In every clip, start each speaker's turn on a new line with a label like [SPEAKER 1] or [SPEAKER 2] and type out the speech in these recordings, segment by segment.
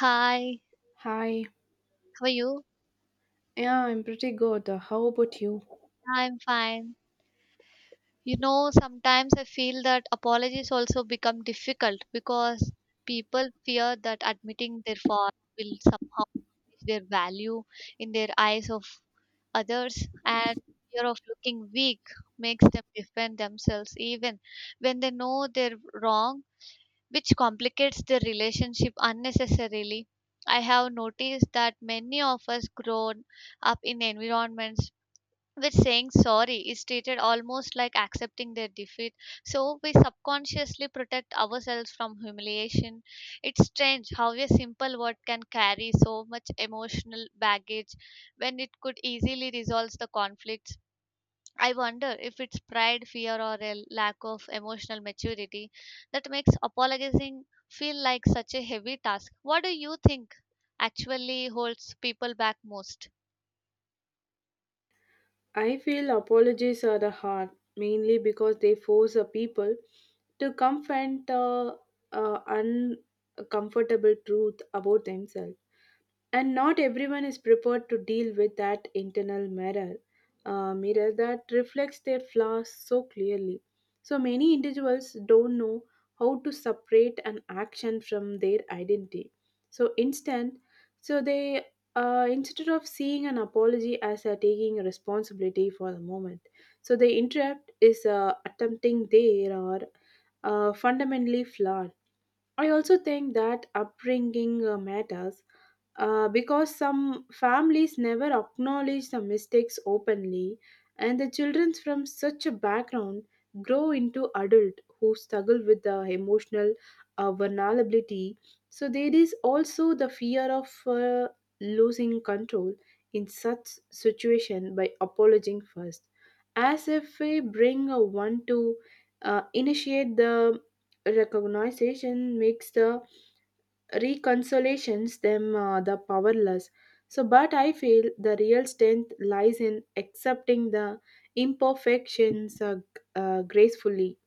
[SPEAKER 1] Hi,
[SPEAKER 2] Hi.
[SPEAKER 1] how are you?
[SPEAKER 2] Yeah, I'm pretty good. How about you?
[SPEAKER 1] I'm fine. You know, sometimes I feel that apologies also become difficult because people fear that admitting their fault will somehow diminish their value in their eyes of others, and fear of looking weak makes them defend themselves even when they know they're wrong, which complicates their relationship unnecessarily. I have noticed that many of us grown up in environments where saying sorry is treated almost like accepting their defeat. So we subconsciously protect ourselves from humiliation. It's strange how a simple word can carry so much emotional baggage when it could easily resolve the conflicts. I wonder if it's pride, fear, or a lack of emotional maturity that makes apologizing feel like such a heavy task. What do you think actually holds people back most?
[SPEAKER 2] I feel apologies are the hard, mainly because they force a people to confront uncomfortable truth about themselves. And not everyone is prepared to deal with that internal mirror that reflects their flaws so clearly. So many individuals don't know how to separate an action from their identity. So instant so they Instead of seeing an apology as a taking responsibility for the moment, so the interrupt is attempting there or fundamentally flawed. I also think that upbringing matters, because some families never acknowledge the mistakes openly, and the children from such a background grow into adults who struggle with the emotional vulnerability. So there is also the fear of losing control in such situation by apologizing first, as if we bring a one to initiate the recognition makes the reconciliations them the powerless. So but I feel the real strength lies in accepting the imperfections, gracefully.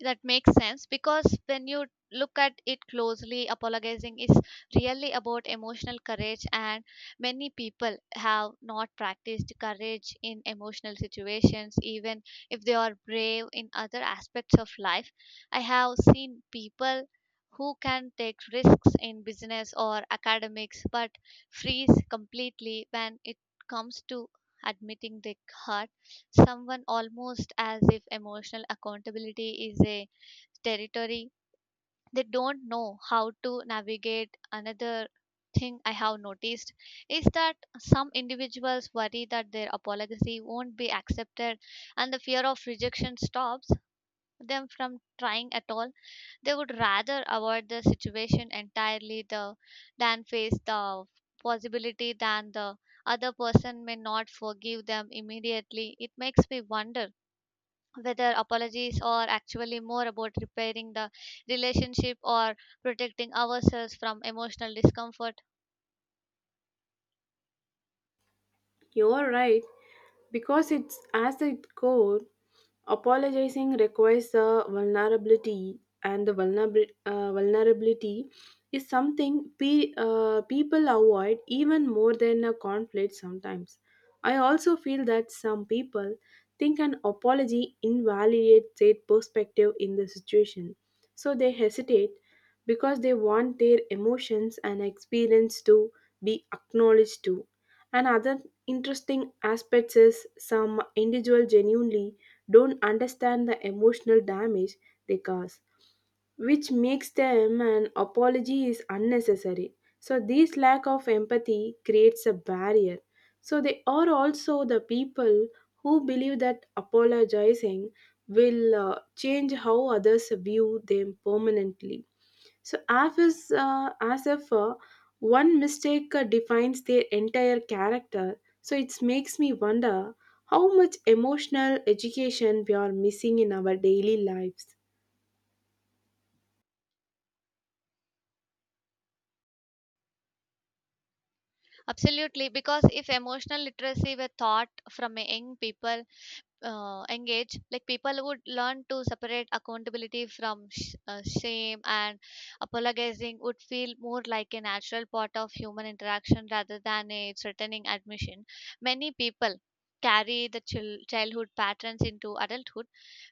[SPEAKER 1] That makes sense, because when you look at it closely, apologizing is really about emotional courage, and many people have not practiced courage in emotional situations, even if they are brave in other aspects of life. I have seen people who can take risks in business or academics but freeze completely when it comes to admitting their hurt someone, almost as if emotional accountability is a territory they don't know how to navigate. Another thing I have noticed is that some individuals worry that their apology won't be accepted, and the fear of rejection stops them from trying at all. They would rather avoid the situation entirely, than face the possibility than the other person may not forgive them immediately. It makes me wonder whether apologies are actually more about repairing the relationship or protecting ourselves from emotional discomfort.
[SPEAKER 2] You are right, because it's as it goes. Apologizing requires a vulnerability, and the vulnerability is something people avoid even more than a conflict sometimes. I also feel that some people think an apology invalidates their perspective in the situation, so they hesitate because they want their emotions and experience to be acknowledged too. And other interesting aspects is some individuals genuinely don't understand the emotional damage they cause, which makes them an apology is unnecessary. So this lack of empathy creates a barrier. So they are also the people who believe that apologizing will change how others view them permanently. So as is as if one mistake defines their entire character. So it makes me wonder how much emotional education we are missing in our daily lives.
[SPEAKER 1] Absolutely, because if emotional literacy were taught from a young people engage, like, people would learn to separate accountability from shame, and apologizing would feel more like a natural part of human interaction rather than a threatening admission. Many people carry the childhood patterns into adulthood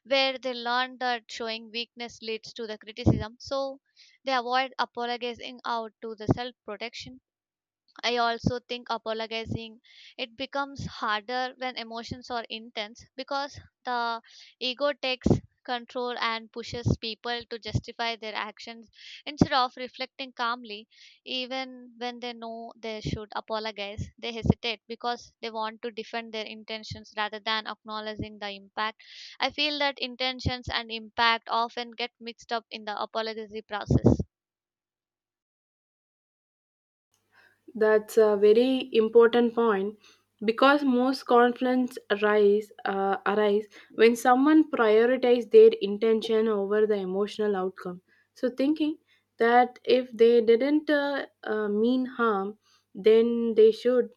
[SPEAKER 1] where they learn that showing weakness leads to the criticism, so they avoid apologizing out to the self protection. I also think apologizing, it becomes harder when emotions are intense, because the ego takes control and pushes people to justify their actions instead of reflecting calmly. Even when they know they should apologize, they hesitate because they want to defend their intentions rather than acknowledging the impact. I feel that intentions and impact often get mixed up in the apology process.
[SPEAKER 2] That's a very important point because most conflicts arise when someone prioritizes their intention over the emotional outcome. So thinking that if they didn't mean harm, then they should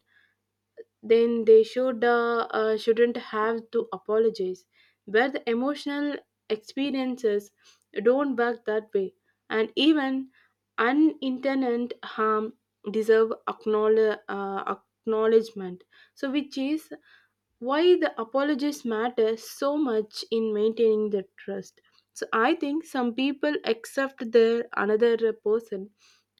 [SPEAKER 2] then they should shouldn't have to apologize, where the emotional experiences don't work that way, and even unintended harm deserve acknowledgement. So which is why the apologies matter so much in maintaining the trust. So I think some people accept their another person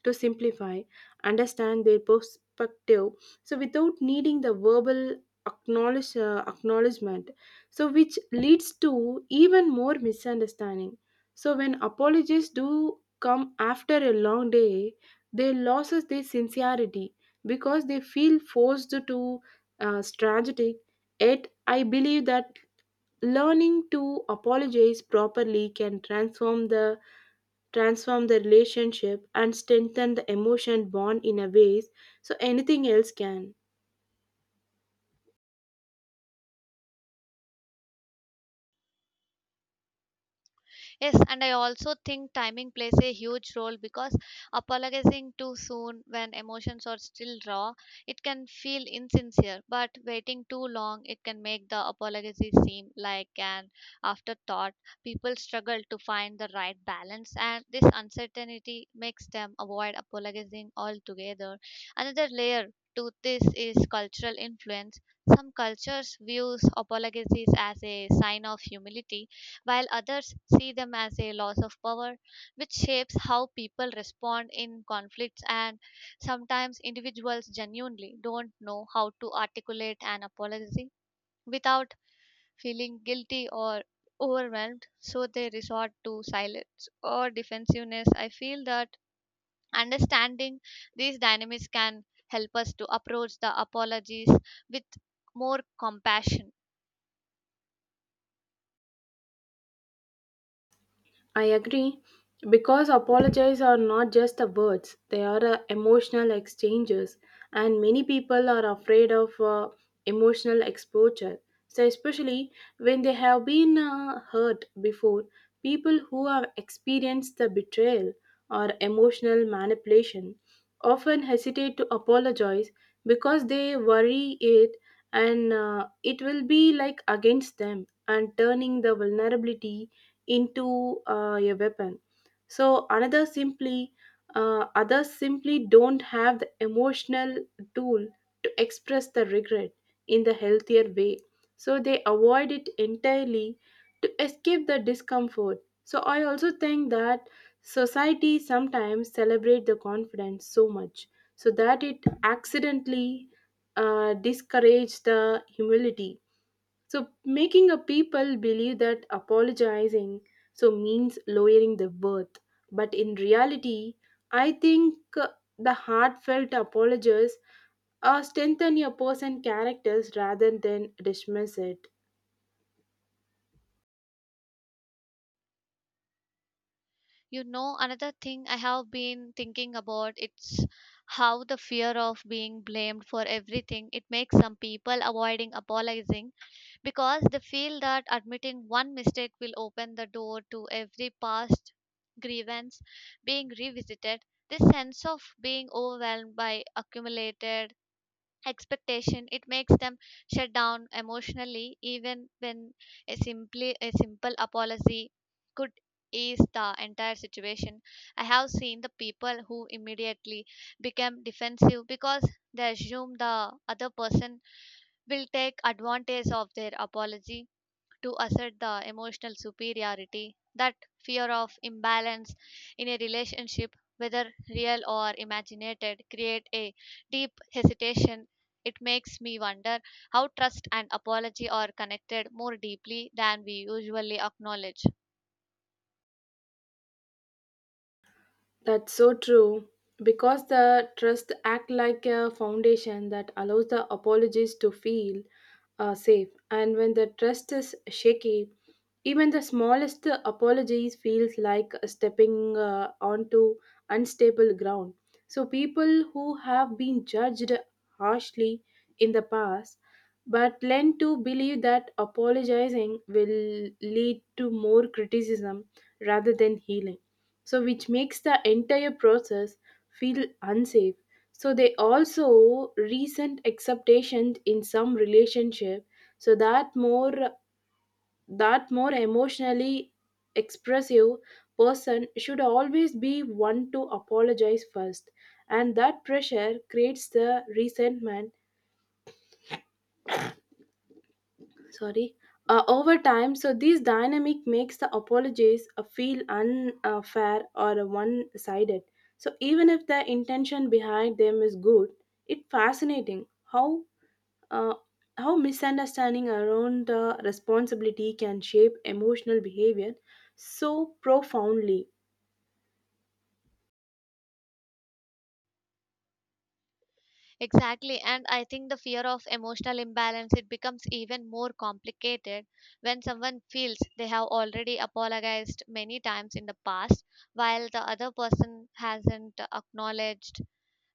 [SPEAKER 2] to simplify understand their perspective, so without needing the verbal acknowledgement, so which leads to even more misunderstanding. So when apologies do come after a long day, they loses their sincerity because they feel forced to strategic. Yet, I believe that learning to apologize properly can transform the relationship and strengthen the emotion bond in a ways so anything else can.
[SPEAKER 1] Yes, and I also think timing plays a huge role, because apologizing too soon when emotions are still raw, it can feel insincere, but waiting too long, it can make the apology seem like an afterthought. People struggle to find the right balance, and this uncertainty makes them avoid apologizing altogether. Another layer to this is cultural influence. Some cultures views apologies as a sign of humility, while others see them as a loss of power, which shapes how people respond in conflicts. And sometimes individuals genuinely don't know how to articulate an apology without feeling guilty or overwhelmed, so they resort to silence or defensiveness. I feel that understanding these dynamics can help us to approach the apologies with more compassion.
[SPEAKER 2] I agree because apologies are not just the words, they are emotional exchanges, and many people are afraid of emotional exposure. So, especially when they have been hurt before, people who have experienced the betrayal or emotional manipulation often hesitate to apologize because they worry it and it will be like against them and turning the vulnerability into a weapon. So another simply others simply don't have the emotional tool to express the regret in the healthier way, so they avoid it entirely to escape the discomfort. So I also think that society sometimes celebrate the confidence so much so that it accidentally discourage the humility, so making a people believe that apologizing so means lowering the worth, but in reality, I think the heartfelt apologies strengthen a person's characters rather than dismiss it.
[SPEAKER 1] You know, another thing I have been thinking about, it's how the fear of being blamed for everything, it makes some people avoiding apologizing, because they feel that admitting one mistake will open the door to every past grievance being revisited. This sense of being overwhelmed by accumulated expectation, it makes them shut down emotionally, even when a simple apology could ease the entire situation. I have seen the people who immediately become defensive because they assume the other person will take advantage of their apology to assert the emotional superiority. That fear of imbalance in a relationship, whether real or imaginated, create a deep hesitation. It makes me wonder how trust and apology are connected more deeply than we usually acknowledge.
[SPEAKER 2] That's so true. Because the trust act like a foundation that allows the apologies to feel safe. And when the trust is shaky, even the smallest apologies feels like stepping onto unstable ground. So people who have been judged harshly in the past but learn to believe that apologizing will lead to more criticism rather than healing, so which makes the entire process feel unsafe. So they also recent acceptations in some relationship, so that more emotionally expressive person should always be one to apologize first, and that pressure creates the resentment, sorry, over time. So this dynamic makes the apologies feel unfair or one-sided, so even if the intention behind them is good. It's fascinating uh, how misunderstanding around the responsibility can shape emotional behavior so profoundly.
[SPEAKER 1] Exactly, and I think the fear of emotional imbalance, it becomes even more complicated when someone feels they have already apologized many times in the past while the other person hasn't acknowledged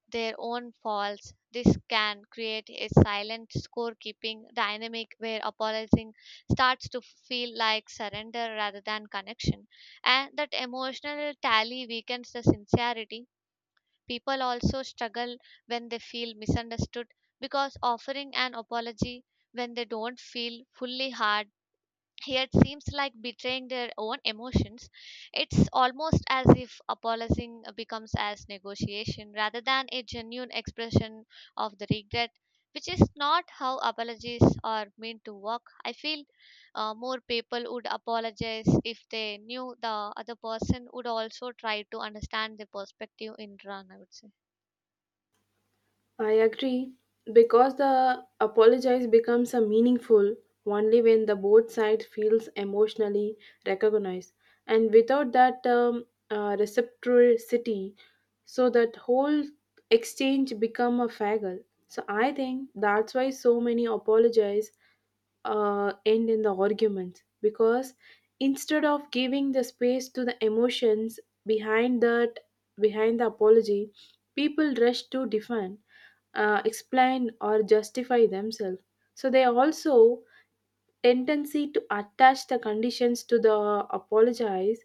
[SPEAKER 1] their own faults. This can create a silent scorekeeping dynamic where apologizing starts to feel like surrender rather than connection, and that emotional tally weakens the sincerity. People also struggle when they feel misunderstood, because offering an apology when they don't feel fully hard here, it seems like betraying their own emotions. It's almost as if apologizing becomes as negotiation rather than a genuine expression of the regret, which is not how apologies are meant to work, I feel. More people would apologize if they knew the other person would also try to understand the perspective in run, I would say.
[SPEAKER 2] I agree because the apologize becomes a meaningful only when the both sides feels emotionally recognized, and without that reciprocity, so that whole exchange become a faggle. So I think that's why so many apologize end in the arguments because instead of giving the space to the emotions behind that behind the apology, people rush to defend, explain or justify themselves. So they also tendency to attach the conditions to the apologize,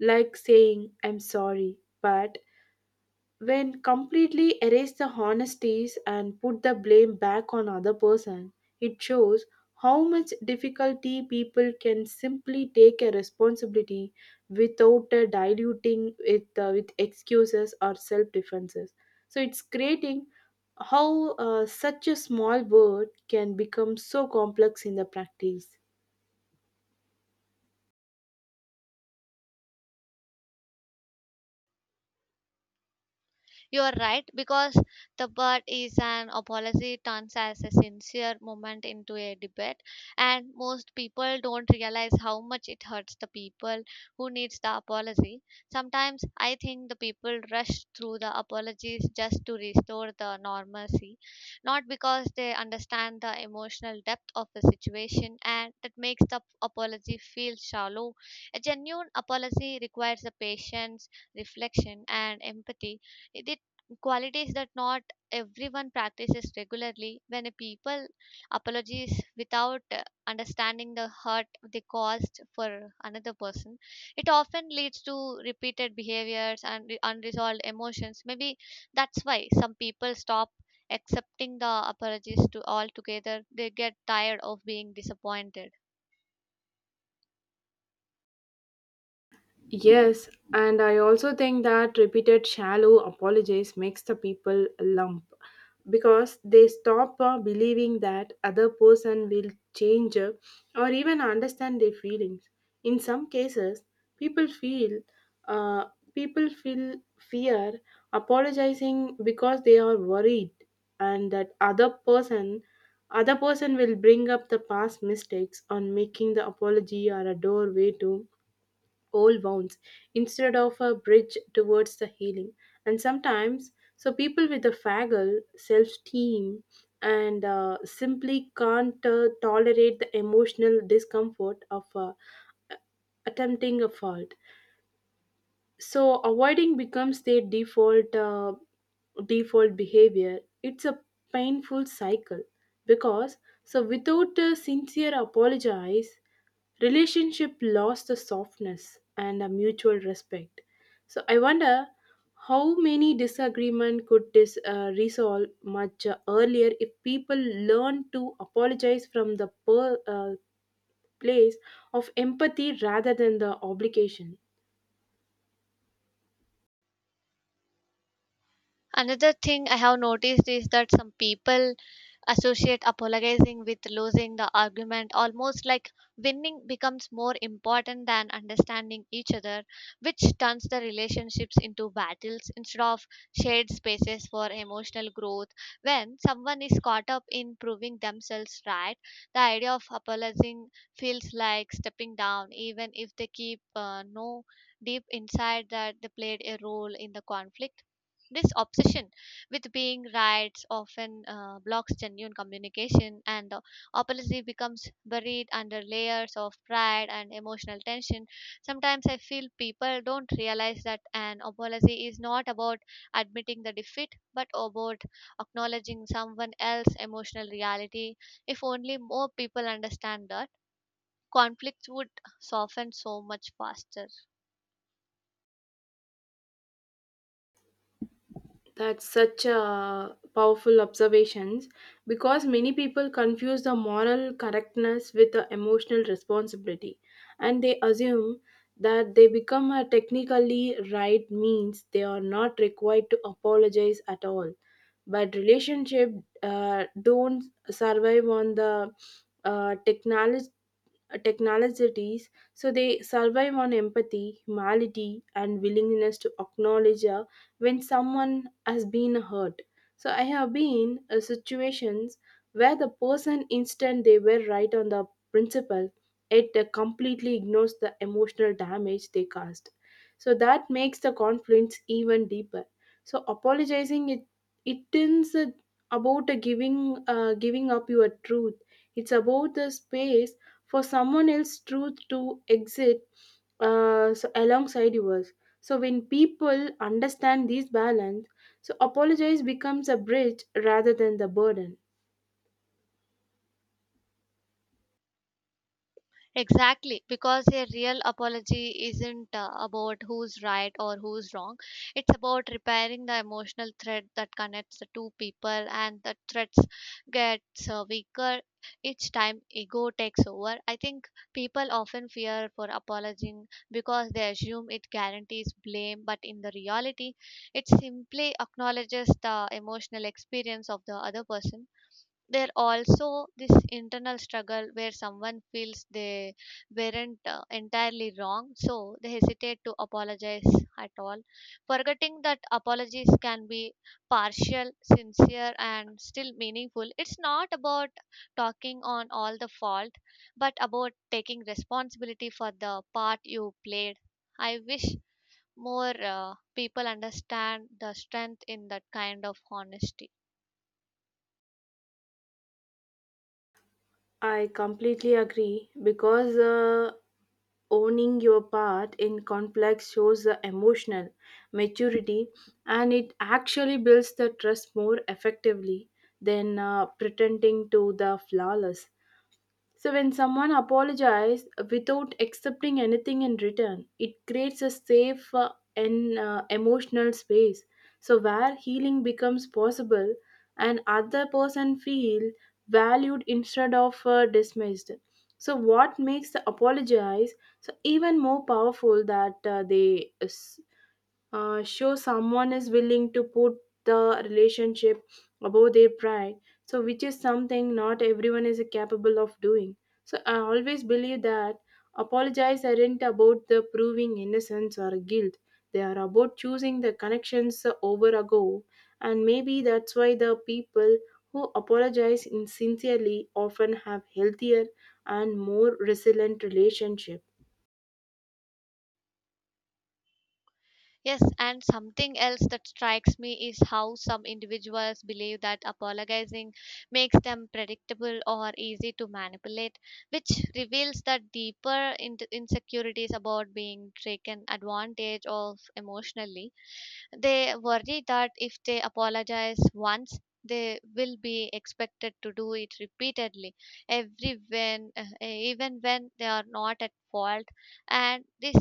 [SPEAKER 2] like saying I'm sorry but, when completely erase the honesties and put the blame back on other person. It shows how much difficulty people can simply take a responsibility without diluting it with excuses or self defenses. So it's creating how such a small word can become so complex in the practice.
[SPEAKER 1] You are right, because the bird is an apology turns as a sincere moment into a debate, and most people don't realize how much it hurts the people who needs the apology. Sometimes I think the people rush through the apologies just to restore the normalcy, not because they understand the emotional depth of the situation, and that makes the apology feel shallow. A genuine apology requires the patience, reflection, and empathy, it qualities that not everyone practices regularly. When a people apologies without understanding the hurt they caused for another person, it often leads to repeated behaviors and unresolved emotions. Maybe that's why some people stop accepting the apologies to altogether. They get tired of being disappointed.
[SPEAKER 2] Yes, and I also think that repeated shallow apologies makes the people lump because they stop believing that other person will change, or even understand their feelings. In some cases, people feel uh, people feel fear apologizing because they are worried, and that other person will bring up the past mistakes on making the apology or a doorway to old wounds instead of a bridge towards the healing. And sometimes, so people with a faggle self esteem and simply can't tolerate the emotional discomfort of attempting a fault. So avoiding becomes their default. Default behavior, it's a painful cycle because so without a sincere apologize, relationship lost the softness and a mutual respect. So I wonder how many disagreement could this resolve much earlier if people learn to apologize from the place of empathy rather than the obligation.
[SPEAKER 1] Another thing I have noticed is that some people associate apologizing with losing the argument, almost like winning becomes more important than understanding each other, which turns the relationships into battles instead of shared spaces for emotional growth. When someone is caught up in proving themselves right, the idea of apologizing feels like stepping down, even if they keep no deep inside that they played a role in the conflict. This obsession with being rights often blocks genuine communication, and the apology becomes buried under layers of pride and emotional tension. Sometimes I feel people don't realize that an apology is not about admitting the defeat but about acknowledging someone else's emotional reality. If only more people understand that, conflicts would soften so much faster.
[SPEAKER 2] That's such a powerful observations because many people confuse the moral correctness with the emotional responsibility, and they assume that they become a technically right means they are not required to apologize at all. But relationship don't survive on the technology technologies, so they survive on empathy, humility, and willingness to acknowledge when someone has been hurt. So I have been situations where the person instant they were right on the principle, it completely ignores the emotional damage they caused. So that makes the conflicts even deeper. So apologizing it it is a- about a giving up your truth, it's about the space for someone else's truth to exit, so alongside yours. So when people understand this balance, so apologize becomes a bridge rather than the burden.
[SPEAKER 1] Exactly, because a real apology isn't about who's right or who's wrong. It's about repairing the emotional thread that connects the two people, and the threads gets weaker each time ego takes over. I think people often fear for apologizing because they assume it guarantees blame, but in the reality, it simply acknowledges the emotional experience of the other person. There also this internal struggle where someone feels they weren't entirely wrong, so they hesitate to apologize at all, forgetting that apologies can be partial sincere and still meaningful. It's not about talking on all the fault, but about taking responsibility for the part you played. I wish more people understand the strength in that kind of honesty.
[SPEAKER 2] I completely agree because owning your part in conflict shows the emotional maturity, and it actually builds the trust more effectively than pretending to the flawless. So, when someone apologizes without accepting anything in return, it creates a safe and emotional space. So, where healing becomes possible and other person feel valued instead of dismissed. So, what makes the apologize so even more powerful that show someone is willing to put the relationship above their pride, so which is something not everyone is capable of doing. So I always believe that apologize aren't about the proving innocence or guilt, they are about choosing the connections over a go. And maybe that's why the people who apologize sincerely often have healthier and more resilient relationship.
[SPEAKER 1] Yes, and something else that strikes me is how some individuals believe that apologizing makes them predictable or easy to manipulate, which reveals that deeper insecurities about being taken advantage of emotionally. They worry that if they apologize once, they will be expected to do it repeatedly, every when, even when they are not at fault. And this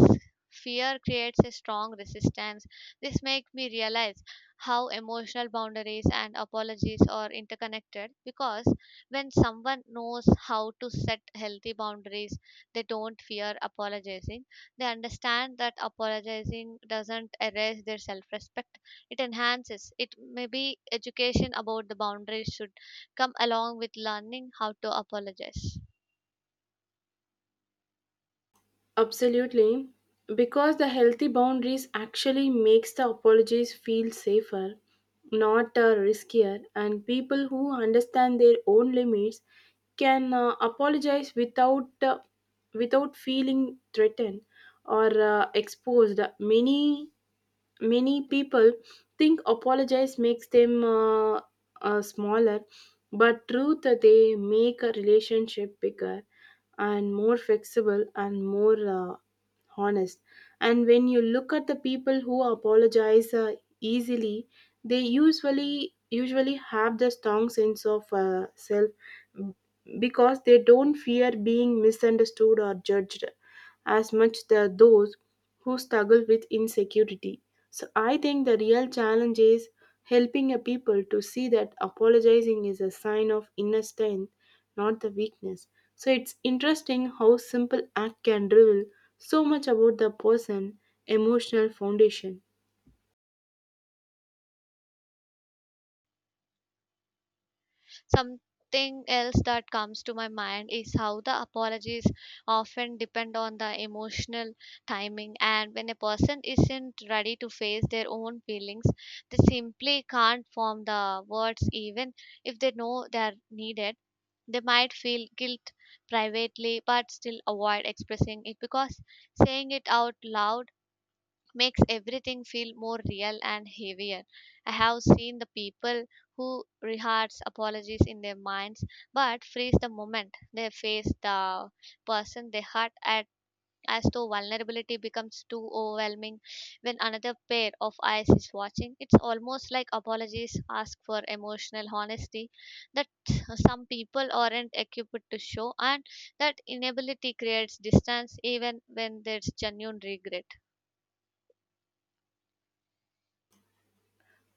[SPEAKER 1] fear creates a strong resistance. This makes me realize how emotional boundaries and apologies are interconnected, because when someone knows how to set healthy boundaries, they don't fear apologizing. They understand that apologizing doesn't erase their self respect, it enhances it. Maybe education about the boundaries should come along with learning how to apologize.
[SPEAKER 2] Absolutely, because the healthy boundaries actually makes the apologies feel safer, not riskier, and people who understand their own limits can apologize without feeling threatened or exposed. Many people think apologize makes them smaller, but truth they make a relationship bigger and more flexible and more. Honest. And when you look at the people who apologize easily, they usually have the strong sense of self because they don't fear being misunderstood or judged as much as those who struggle with insecurity. So I think the real challenge is helping a people to see that apologizing is a sign of inner strength, not the weakness. So it's interesting how simple act can reveal so much about the person emotional foundation.
[SPEAKER 1] Something else that comes to my mind is how the apologies often depend on the emotional timing, and when a person isn't ready to face their own feelings, they simply can't form the words, even if they know they are needed. They might feel guilt privately but still avoid expressing it because saying it out loud makes everything feel more real and heavier. I have seen the people who rehearse apologies in their minds but freeze the moment they face the person they hurt at, as though vulnerability becomes too overwhelming when another pair of eyes is watching. It's almost like apologies ask for emotional honesty that some people aren't equipped to show, and that inability creates distance even when there's genuine regret.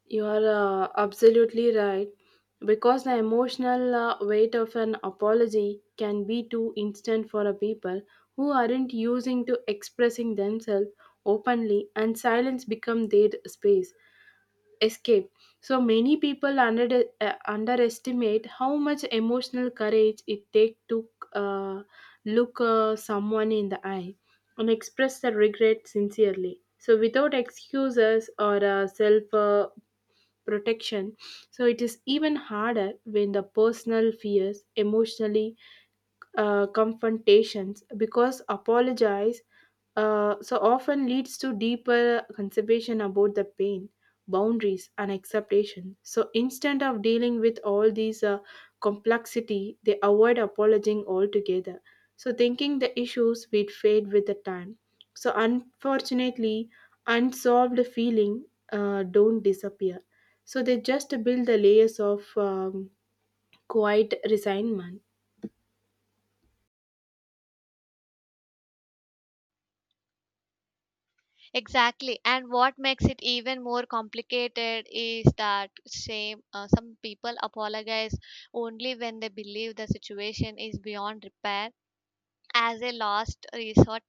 [SPEAKER 2] You are absolutely right. Because the emotional weight of an apology can be too instant for a people who aren't using to expressing themselves openly, and silence become their space escape. So many people underestimate how much emotional courage it takes to uh, look someone in the eye and express their regret sincerely, so without excuses or self protection. So it is even harder when the personal fears emotionally confrontations because apologize so often leads to deeper consideration about the pain, boundaries and acceptation. So instead of dealing with all these complexity, they avoid apologizing altogether, so thinking the issues will fade with the time. So unfortunately, unsolved feeling don't disappear, so they just build the layers of quiet resignment.
[SPEAKER 1] Exactly. And what makes it even more complicated is that shame. Some people apologize only when they believe the situation is beyond repair, as a last resort,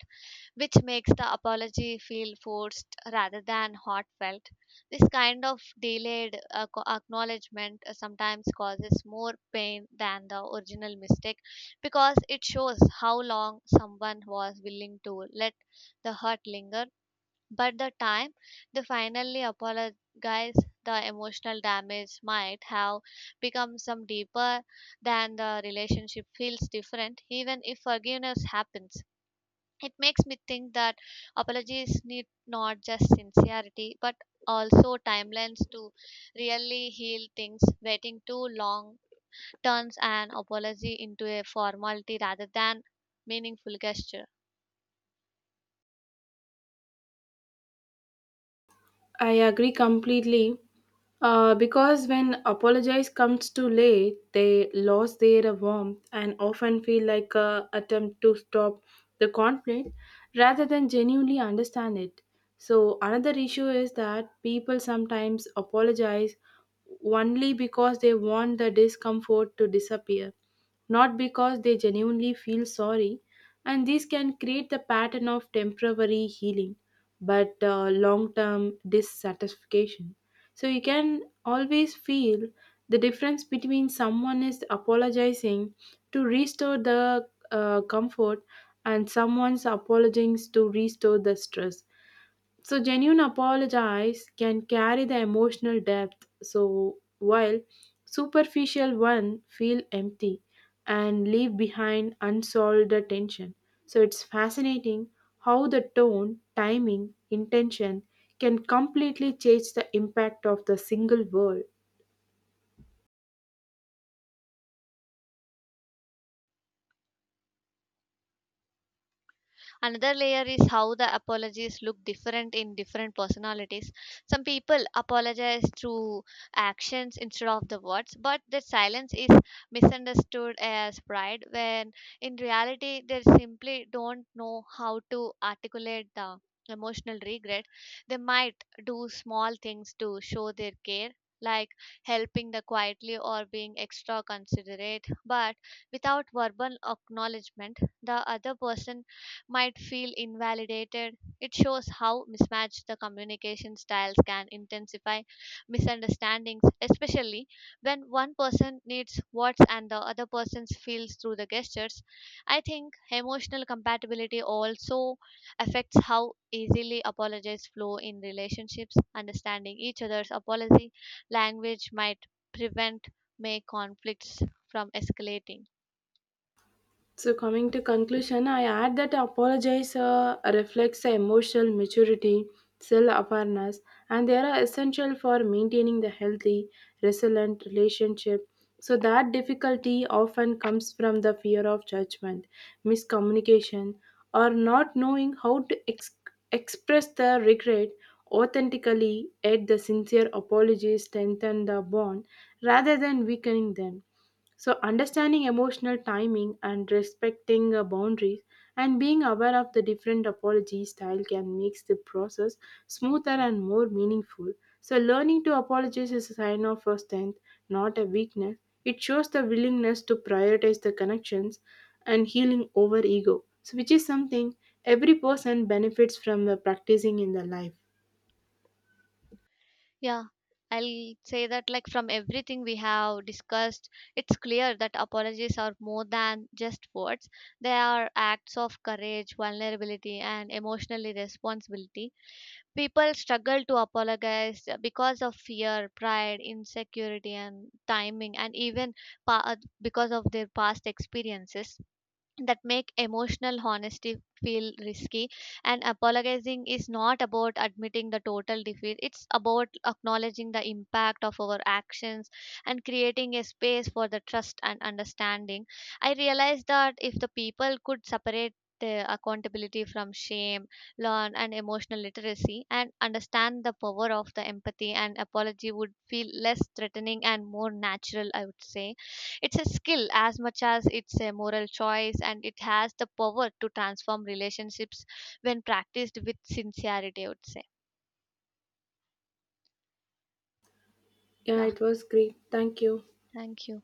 [SPEAKER 1] which makes the apology feel forced rather than heartfelt. This kind of delayed acknowledgement sometimes causes more pain than the original mistake, because it shows how long someone was willing to let the hurt linger. But the time they finally apologize, the emotional damage might have become some deeper than the relationship feels different, even if forgiveness happens. It makes me think that apologies need not just sincerity but also timelines to really heal things. Waiting too long turns an apology into a formality rather than meaningful gesture.
[SPEAKER 2] I agree completely. Because when apologize comes too late, they lose their warmth and often feel like a attempt to stop the conflict rather than genuinely understand it. So another issue is that people sometimes apologize only because they want the discomfort to disappear, not because they genuinely feel sorry. And this can create the pattern of temporary healing, but long term dissatisfaction. So you can always feel the difference between someone is apologizing to restore the comfort and someone's apologizing to restore the stress. So, genuine apologies can carry the emotional depth, so while superficial one feel empty and leave behind unsolved tension. So, it's fascinating how the tone, timing, intention can completely change the impact of the single word.
[SPEAKER 1] Another layer is how the apologies look different in different personalities. Some people apologize through actions instead of the words, but their silence is misunderstood as pride when in reality they simply don't know how to articulate the emotional regret. They might do small things to show their care. Like helping the quietly or being extra considerate, but without verbal acknowledgement, the other person might feel invalidated. It shows how mismatched the communication styles can intensify misunderstandings, especially when one person needs words and the other person feels through the gestures. I think emotional compatibility also affects how easily apologies flow in relationships. Understanding each other's apology language might prevent may conflicts from escalating.
[SPEAKER 2] So coming to conclusion, I add that apologize reflects emotional maturity, self-awareness, and they are essential for maintaining the healthy, resilient relationship. So that difficulty often comes from the fear of judgment, miscommunication, or not knowing how to express the regret authentically. Yet the sincere apologies strengthen the bond rather than weakening them. So, understanding emotional timing and respecting boundaries and being aware of the different apology style can make the process smoother and more meaningful. So, learning to apologize is a sign of a strength, not a weakness. It shows the willingness to prioritize the connections and healing over ego, so which is something every person benefits from practicing in their life.
[SPEAKER 1] Yeah, I'll say that, like, from everything we have discussed, it's clear that apologies are more than just words. They are acts of courage, vulnerability, and emotional responsibility. People struggle to apologize because of fear, pride, insecurity, and timing, and even because of their past experiences that make emotional honesty feel risky. And apologizing is not about admitting the total defeat, it's about acknowledging the impact of our actions and creating a space for the trust and understanding. I realized that if the people could separate the accountability from shame, learn and emotional literacy and understand the power of the empathy, and apology would feel less threatening and more natural, I would say. It's a skill as much as it's a moral choice, and it has the power to transform relationships when practiced with sincerity, I would say.
[SPEAKER 2] Yeah,
[SPEAKER 1] Yeah,
[SPEAKER 2] it was great. Thank you.
[SPEAKER 1] thank you.